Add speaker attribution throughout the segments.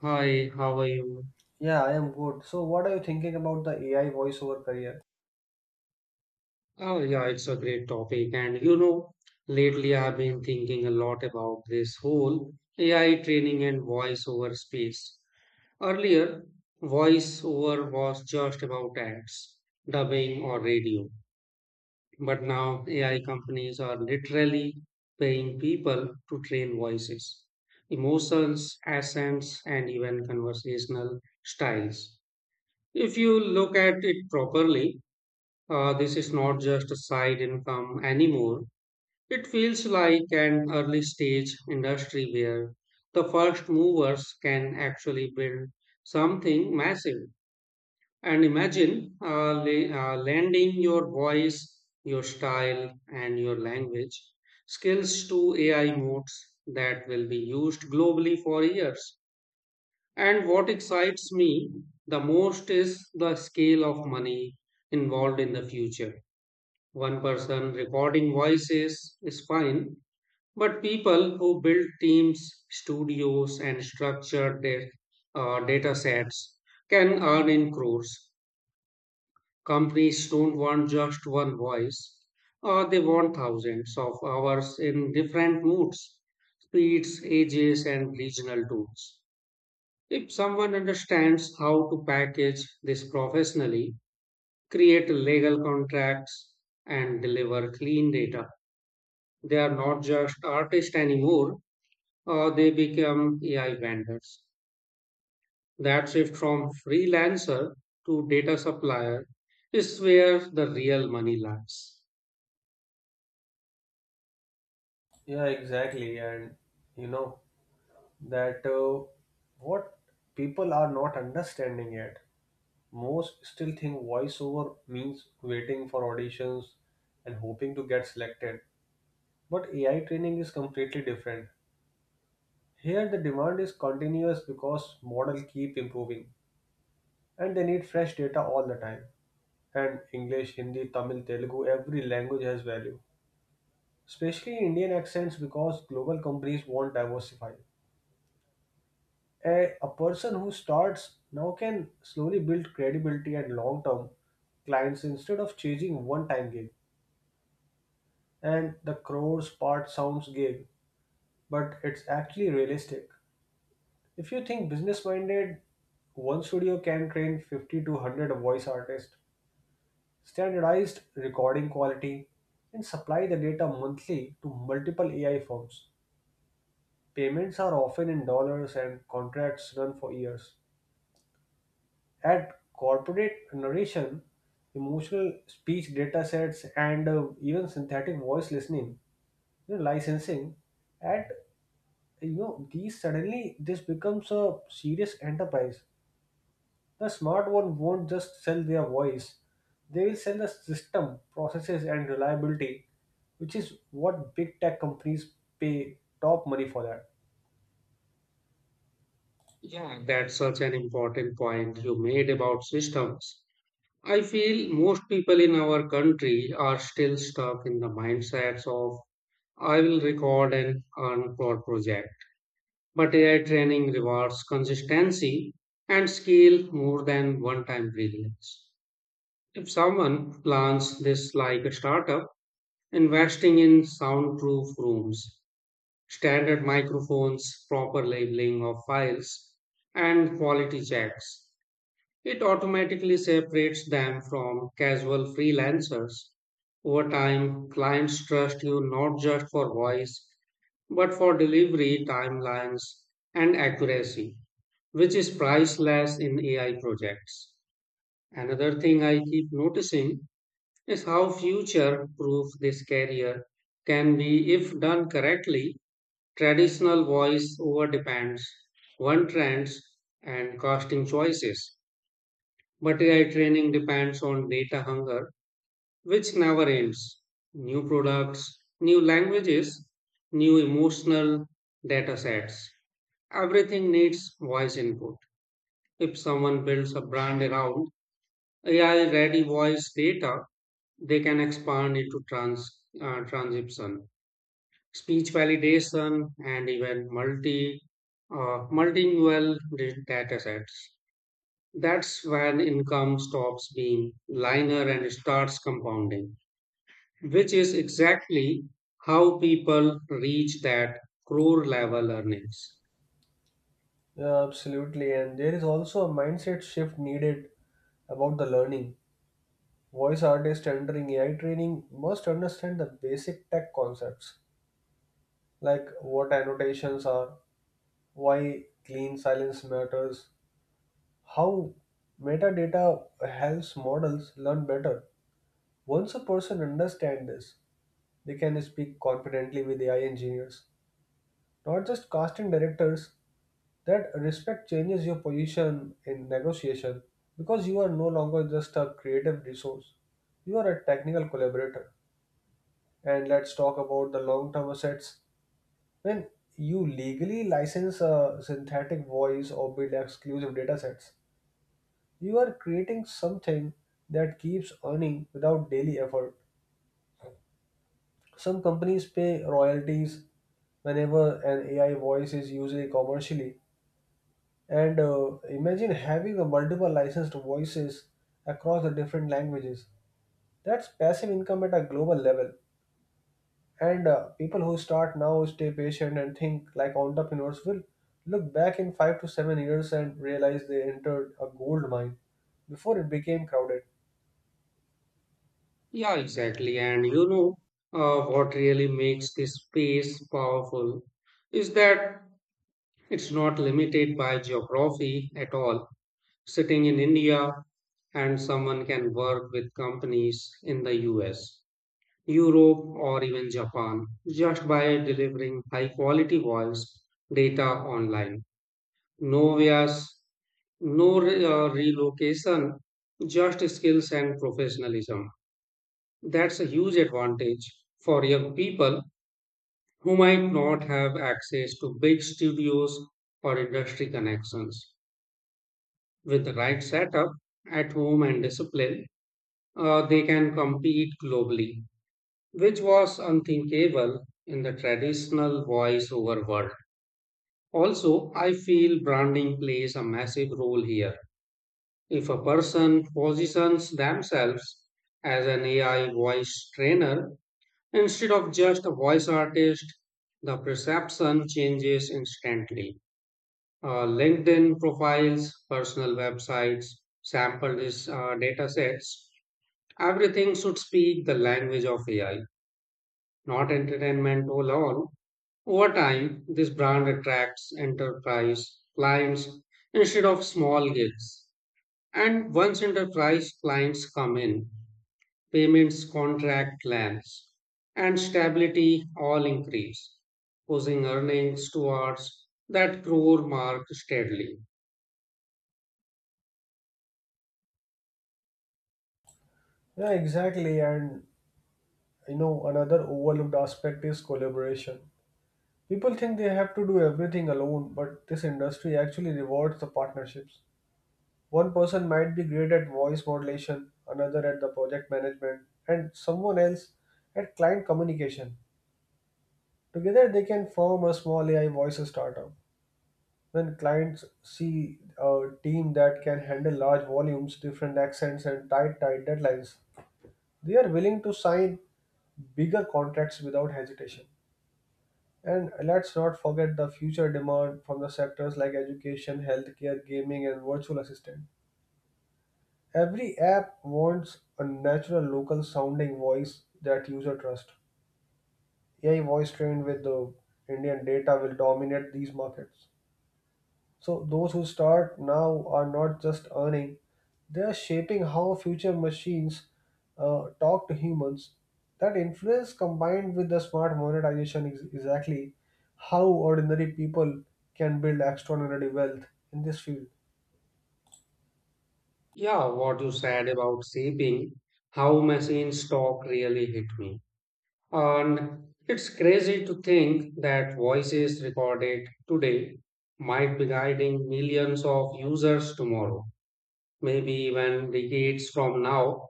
Speaker 1: Hi, how are you?
Speaker 2: Yeah, I am good. So, what are you thinking about the AI voiceover career?
Speaker 1: Oh, yeah, it's a great topic. Lately I've been thinking a lot about this whole AI training and voice over space. Earlier, voice over was just about ads, dubbing, or radio. But now AI companies are literally paying people to train voices, emotions, accents, and even conversational styles. If you look at it properly, this is not just a side income anymore. It feels like an early stage industry where the first movers can actually build something massive. And imagine lending your voice, your style, and your language skills to AI modes that will be used globally for years. And what excites me the most is the scale of money involved in the future. One person recording voices is fine, but people who build teams, studios, and structure their data sets can earn in crores. Companies don't want just one voice, they want thousands of hours in different moods, speeds, ages, and regional tones. If someone understands how to package this professionally, create legal contracts, and deliver clean data, they are not just artists anymore, they become AI vendors. That shift from freelancer to data supplier is where the real money lies.
Speaker 2: Yeah, exactly. And you know that what people are not understanding yet. Most still think voiceover means waiting for auditions and hoping to get selected. But AI training is completely different. Here, the demand is continuous because model keep improving and they need fresh data all the time. And English, Hindi, Tamil, Telugu, every language has value. Especially Indian accents, because global companies want diversify. A person who starts now can slowly build credibility and long term clients instead of chasing one time gig. And the crores part sounds gig, but it's actually realistic. If you think business minded, one studio can train 50 to 100 voice artists, standardized recording quality, and supply the data monthly to multiple AI firms. Payments are often in dollars and contracts run for years. At corporate narration, emotional speech datasets, and even synthetic voice listening, licensing, at you know these suddenly this becomes a serious enterprise. The smart one won't just sell their voice; they will sell the system, processes, and reliability, which is what big tech companies pay top money for that.
Speaker 1: Yeah, that's such an important point you made about systems. I feel most people in our country are still stuck in the mindsets of I will record and earn for project. But AI training rewards consistency and scale more than one time brilliance. If someone plans this like a startup, investing in soundproof rooms, standard microphones, proper labeling of files, and quality checks, it automatically separates them from casual freelancers. Over time, clients trust you not just for voice, but for delivery timelines and accuracy, which is priceless in AI projects. Another thing I keep noticing is how future proof this career can be if done correctly. Traditional voice over depends on trends and costing choices, but AI training depends on data hunger, which never ends. New products, new languages, new emotional data sets. Everything needs voice input. If someone builds a brand around AI ready voice data, they can expand into transcription, speech validation, and even multilingual data sets. That's when income stops being linear and starts compounding, which is exactly how people reach that crore level earnings.
Speaker 2: Yeah, absolutely. And there is also a mindset shift needed about the learning. Voice artists entering AI training must understand the basic tech concepts like what annotations are, why clean silence matters, how metadata helps models learn better. Once a person understands this, they can speak confidently with AI engineers, not just casting directors. That respect changes your position in negotiation because you are no longer just a creative resource. You are a technical collaborator. And let's talk about the long term assets. When you legally license a synthetic voice or build exclusive datasets, you are creating something that keeps earning without daily effort. Some companies pay royalties whenever an AI voice is used commercially. And imagine having a multiple licensed voices across the different languages. That's passive income at a global level. And people who start now stay patient and think like entrepreneurs will look back in 5 to 7 years and realize they entered a gold mine before it became crowded.
Speaker 1: Yeah, exactly. And you know what really makes this space powerful is that it's not limited by geography at all. Sitting in India and someone can work with companies in the US, Europe, or even Japan just by delivering high quality voice data online. No vias, no re- relocation, just skills and professionalism. That's a huge advantage for young people who might not have access to big studios or industry connections. With the right setup at home and discipline, they can compete globally, which was unthinkable in the traditional voice over world. Also, I feel branding plays a massive role here. If a person positions themselves as an AI voice trainer instead of just a voice artist, the perception changes instantly. LinkedIn profiles, personal websites, sample data sets, everything should speak the language of AI, not entertainment alone. Over time, this brand attracts enterprise clients instead of small gigs. And once enterprise clients come in, payments, contract plans, and stability all increase, pushing earnings towards that crore mark steadily.
Speaker 2: Yeah, exactly. And you know, another overlooked aspect is collaboration. People think they have to do everything alone, but this industry actually rewards the partnerships. One person might be great at voice modulation, another at the project management, and someone else at client communication. Together, they can form a small AI voice startup. When clients see a team that can handle large volumes, different accents, and tight deadlines, they are willing to sign bigger contracts without hesitation. And let's not forget the future demand from the sectors like education, healthcare, gaming, and virtual assistant. Every app wants a natural local sounding voice that user trust. AI voice trained with the Indian data will dominate these markets. So those who start now are not just earning, they are shaping how future machines talk to humans. That influence combined with the smart monetization is exactly how ordinary people can build extraordinary wealth in this field.
Speaker 1: Yeah, what you said about saving, how machines talk really hit me. And it's crazy to think that voices recorded today might be guiding millions of users tomorrow, maybe even decades from now.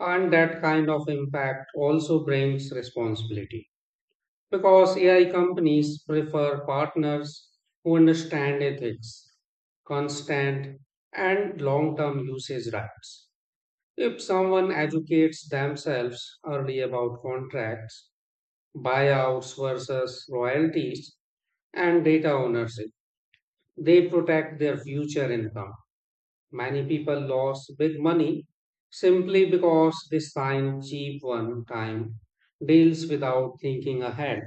Speaker 1: And that kind of impact also brings responsibility because AI companies prefer partners who understand ethics, constant, and long term usage rights. If someone educates themselves early about contracts, buyouts versus royalties, and data ownership, they protect their future income. Many people lost big money simply because they signed cheap one time deals without thinking ahead.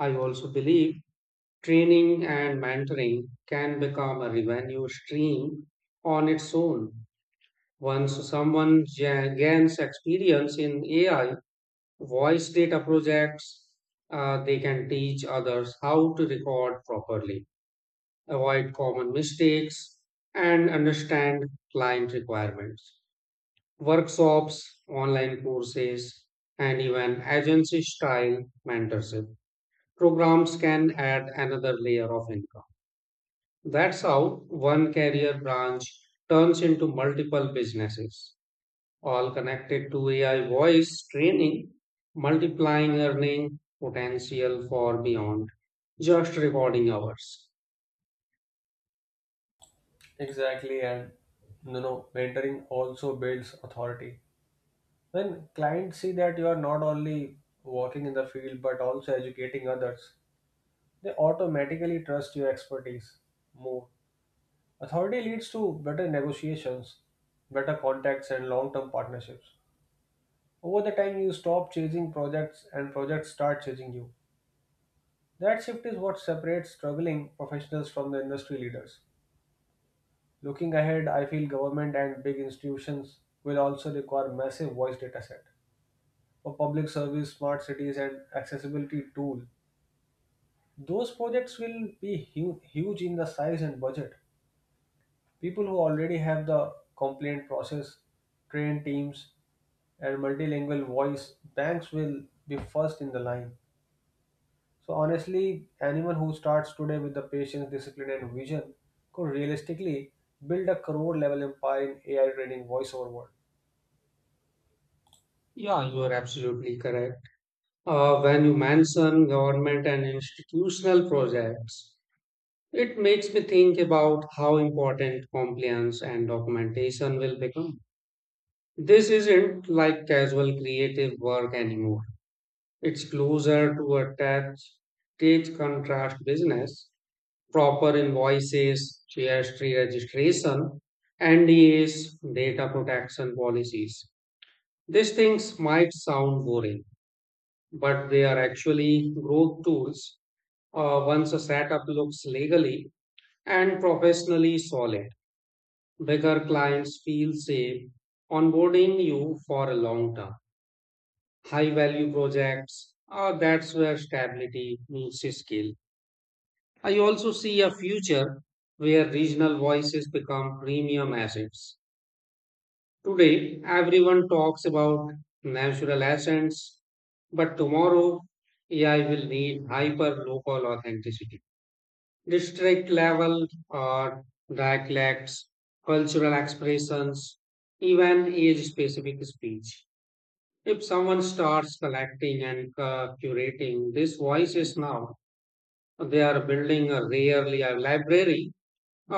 Speaker 1: I also believe training and mentoring can become a revenue stream on its own. Once someone gains experience in AI voice data projects, they can teach others how to record properly, avoid common mistakes, and understand client requirements. Workshops, online courses, and even agency style mentorship programs can add another layer of income. That's how one career branch turns into multiple businesses all connected to AI voice training, multiplying earning potential for beyond just recording hours.
Speaker 2: Exactly, and you know, mentoring also builds authority. When clients see that you are not only working in the field but also educating others, they automatically trust your expertise more. Authority leads to better negotiations, better contacts, and long term partnerships. Over the time, you stop chasing projects and projects start chasing you. That shift is what separates struggling professionals from the industry leaders. Looking ahead, I feel government and big institutions will also require massive voice data set for public service, smart cities, and accessibility tool. Those projects will be huge in the size and budget. People who already have the complaint process, trained teams, and multilingual voice, banks will be first in the line. So, honestly, anyone who starts today with the patience, discipline, and vision could realistically build a crore level empire in AI training voiceover world.
Speaker 1: Yeah, you are absolutely correct. When you mention government and institutional projects, it makes me think about how important compliance and documentation will become. This isn't like casual creative work anymore. It's closer to a tax contrast business, proper invoices, GST registration, NDAs, data protection policies. These things might sound boring, but they are actually growth tools. Once a setup looks legally and professionally solid, bigger clients feel safe onboarding you for a long term. High value projects, that's where stability meets skill. I also see a future where regional voices become premium assets. Today, everyone talks about natural assets, but tomorrow, AI will need hyper local authenticity. District level or dialects, cultural expressions, even age specific speech. If someone starts collecting and curating these voices now, they are building a rarely a library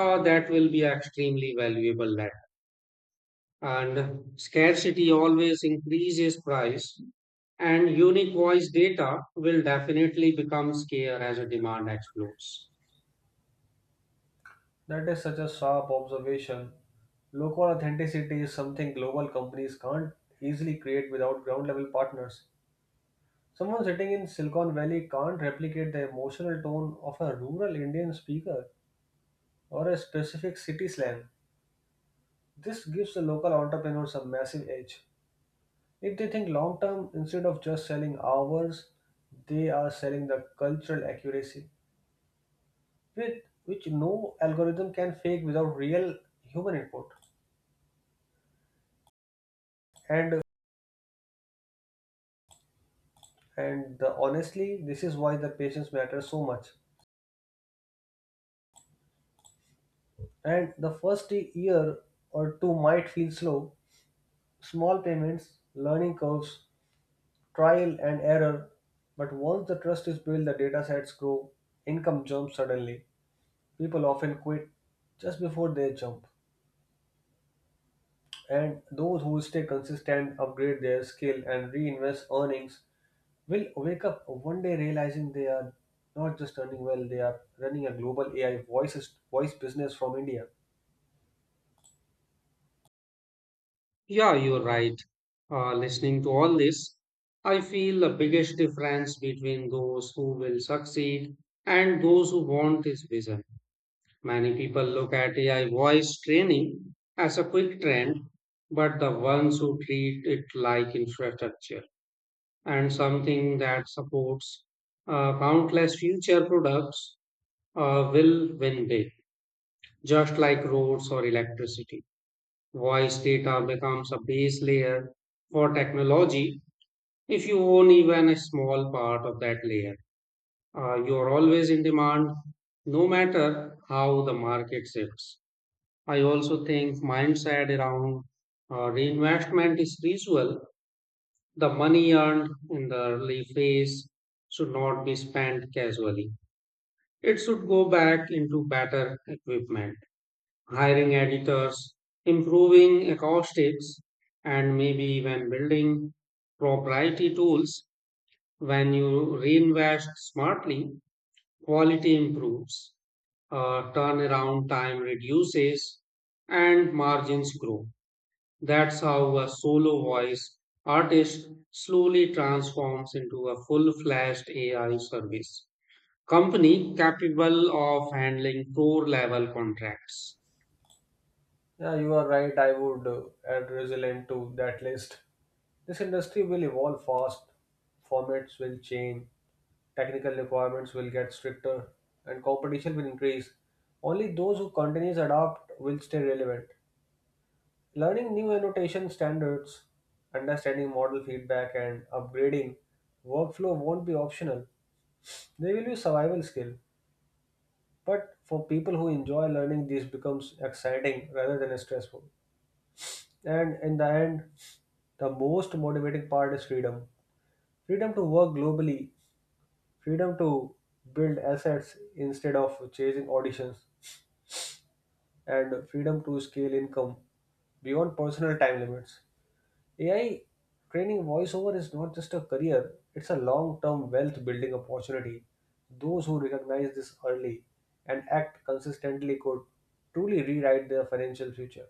Speaker 1: That will be extremely valuable land. And scarcity always increases price, and unique voice data will definitely become scarce as a demand explodes.
Speaker 2: That is such a sharp observation. Local authenticity is something global companies can't easily create without ground level partners. Someone sitting in Silicon Valley can't replicate the emotional tone of a rural Indian speaker or a specific city slang. This gives the local entrepreneurs a massive edge. If they think long term, instead of just selling hours, they are selling the cultural accuracy, with which no algorithm can fake without real human input. And Honestly, this is why the patience matters so much. And the first year or two might feel slow. Small payments, learning curves, trial and error. But once the trust is built, the data sets grow, income jumps suddenly. People often quit just before they jump. And those who stay consistent, upgrade their skill, and reinvest earnings will wake up one day realizing they are not just earning well, they are running a global voice business from India.
Speaker 1: Yeah, you're right. Listening to all this, I feel the biggest difference between those who will succeed and those who want is vision. Many people look at AI voice training as a quick trend, but the ones who treat it like infrastructure and something that supports countless future products will win big, just like roads or electricity. Voice data becomes a base layer for technology. If you own even a small part of that layer, you are always in demand, no matter how the market shifts. I also think mindset around reinvestment is crucial. The money earned in the early phase should not be spent casually. It should go back into better equipment, hiring editors, improving acoustics, and maybe even building proprietary tools. When you reinvest smartly, quality improves, turnaround time reduces, and margins grow. That's how a solo voice artist slowly transforms into a full fledged AI service company capable of handling pro level contracts.
Speaker 2: Yeah, you are right. I would add resilient to that list. This industry will evolve fast, formats will change, technical requirements will get stricter, and competition will increase. Only those who continuously adapt will stay relevant. Learning new annotation standards, understanding model feedback, and upgrading workflow won't be optional. They will be survival skill. But for people who enjoy learning, this becomes exciting rather than stressful. And in the end, the most motivating part is freedom. Freedom to work globally, freedom to build assets instead of chasing auditions, and freedom to scale income beyond personal time limits. AI training voiceover is not just a career, it's a long term wealth building opportunity. Those who recognize this early and act consistently could truly rewrite their financial future,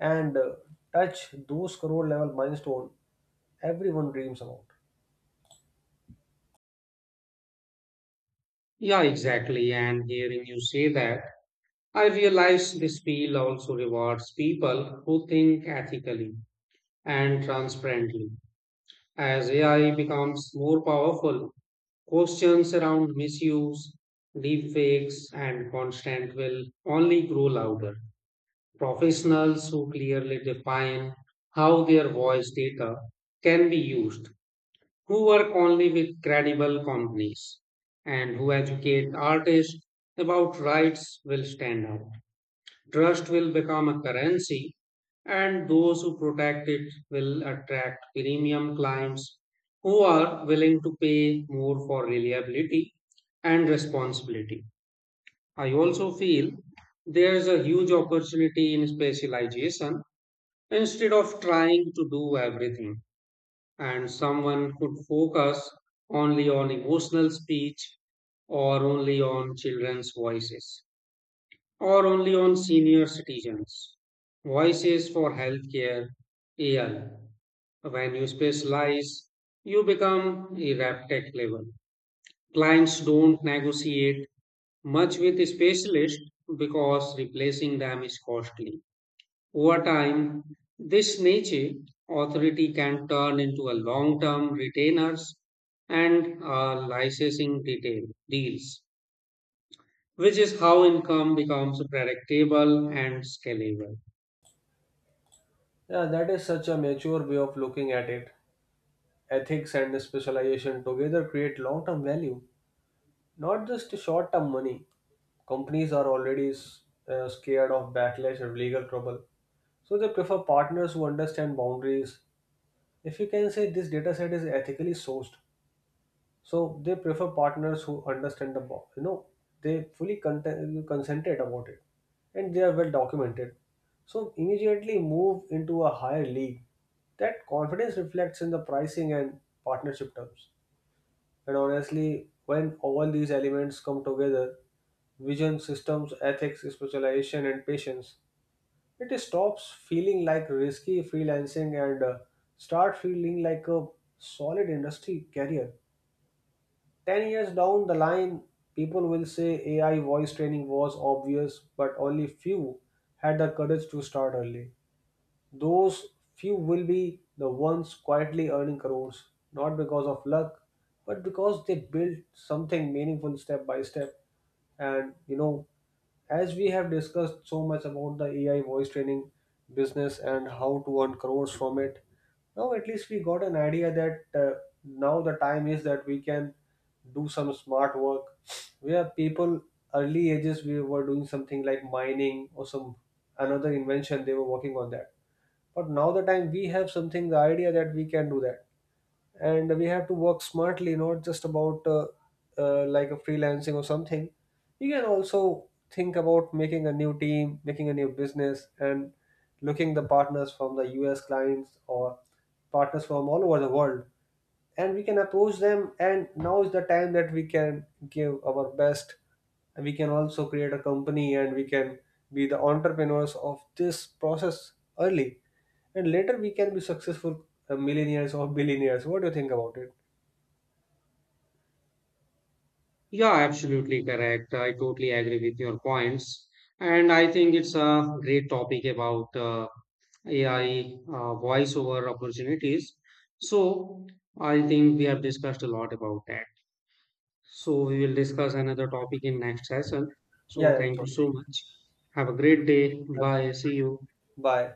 Speaker 2: and touch those crore level milestone everyone dreams about.
Speaker 1: Yeah, exactly. And hearing you say that, I realize this field also rewards people who think ethically and transparently. As AI becomes more powerful, questions around misuse, deepfakes, and constant will only grow louder. Professionals who clearly define how their voice data can be used, who work only with credible companies, and who educate artists about rights will stand out. Trust will become a currency, and those who protect it will attract premium clients who are willing to pay more for reliability and responsibility. I also feel there is a huge opportunity in specialization instead of trying to do everything. And someone could focus only on emotional speech, or only on children's voices, or only on senior citizens. Voices for healthcare, AI. When you specialize, you become irreplicable. Clients don't negotiate much with specialists because replacing them is costly. Over time, this niche authority can turn into a long-term retainers and licensing detail deals, which is how income becomes predictable and scalable.
Speaker 2: Yeah, that is such a mature way of looking at it. Ethics and specialization together create long term value, not just short term money. Companies are already scared of backlash or legal trouble, so they prefer partners who understand boundaries. If you can say this data set is ethically sourced, so they prefer partners who understand they fully content, concentrate about it and they are well documented. So immediately move into a higher league. That confidence reflects in the pricing and partnership terms. And honestly, when all these elements come together, vision, systems, ethics, specialization, and patience, it stops feeling like risky freelancing and start feeling like a solid industry career. 10 years down the line, people will say AI voice training was obvious, but only few had the courage to start early. Those few will be the ones quietly earning crores, not because of luck, but because they built something meaningful step by step. And you know, as we have discussed so much about the AI voice training business and how to earn crores from it, now at least we got an idea that now the time is that we can do some smart work where people early ages we were doing something like mining or some another invention they were working on that, but now the time we have something the idea that we can do that, and we have to work smartly, not just about like a freelancing or something. You can also think about making a new team, making a new business, and looking the partners from the us clients or partners from all over the world, and we can approach them. And now is the time that we can give our best, and we can also create a company and we can be the entrepreneurs of this process early, and later we can be successful millionaires or billionaires. What do you think about it?
Speaker 1: Yeah, absolutely correct. I totally agree with your points. And I think it's a great topic about AI voiceover opportunities. So I think we have discussed a lot about that. So we will discuss another topic in next session.
Speaker 2: Yeah,
Speaker 1: So
Speaker 2: yeah
Speaker 1: thank you
Speaker 2: sure.
Speaker 1: so much. Have a great day.
Speaker 2: Yeah,
Speaker 1: Bye. See you.
Speaker 2: bye.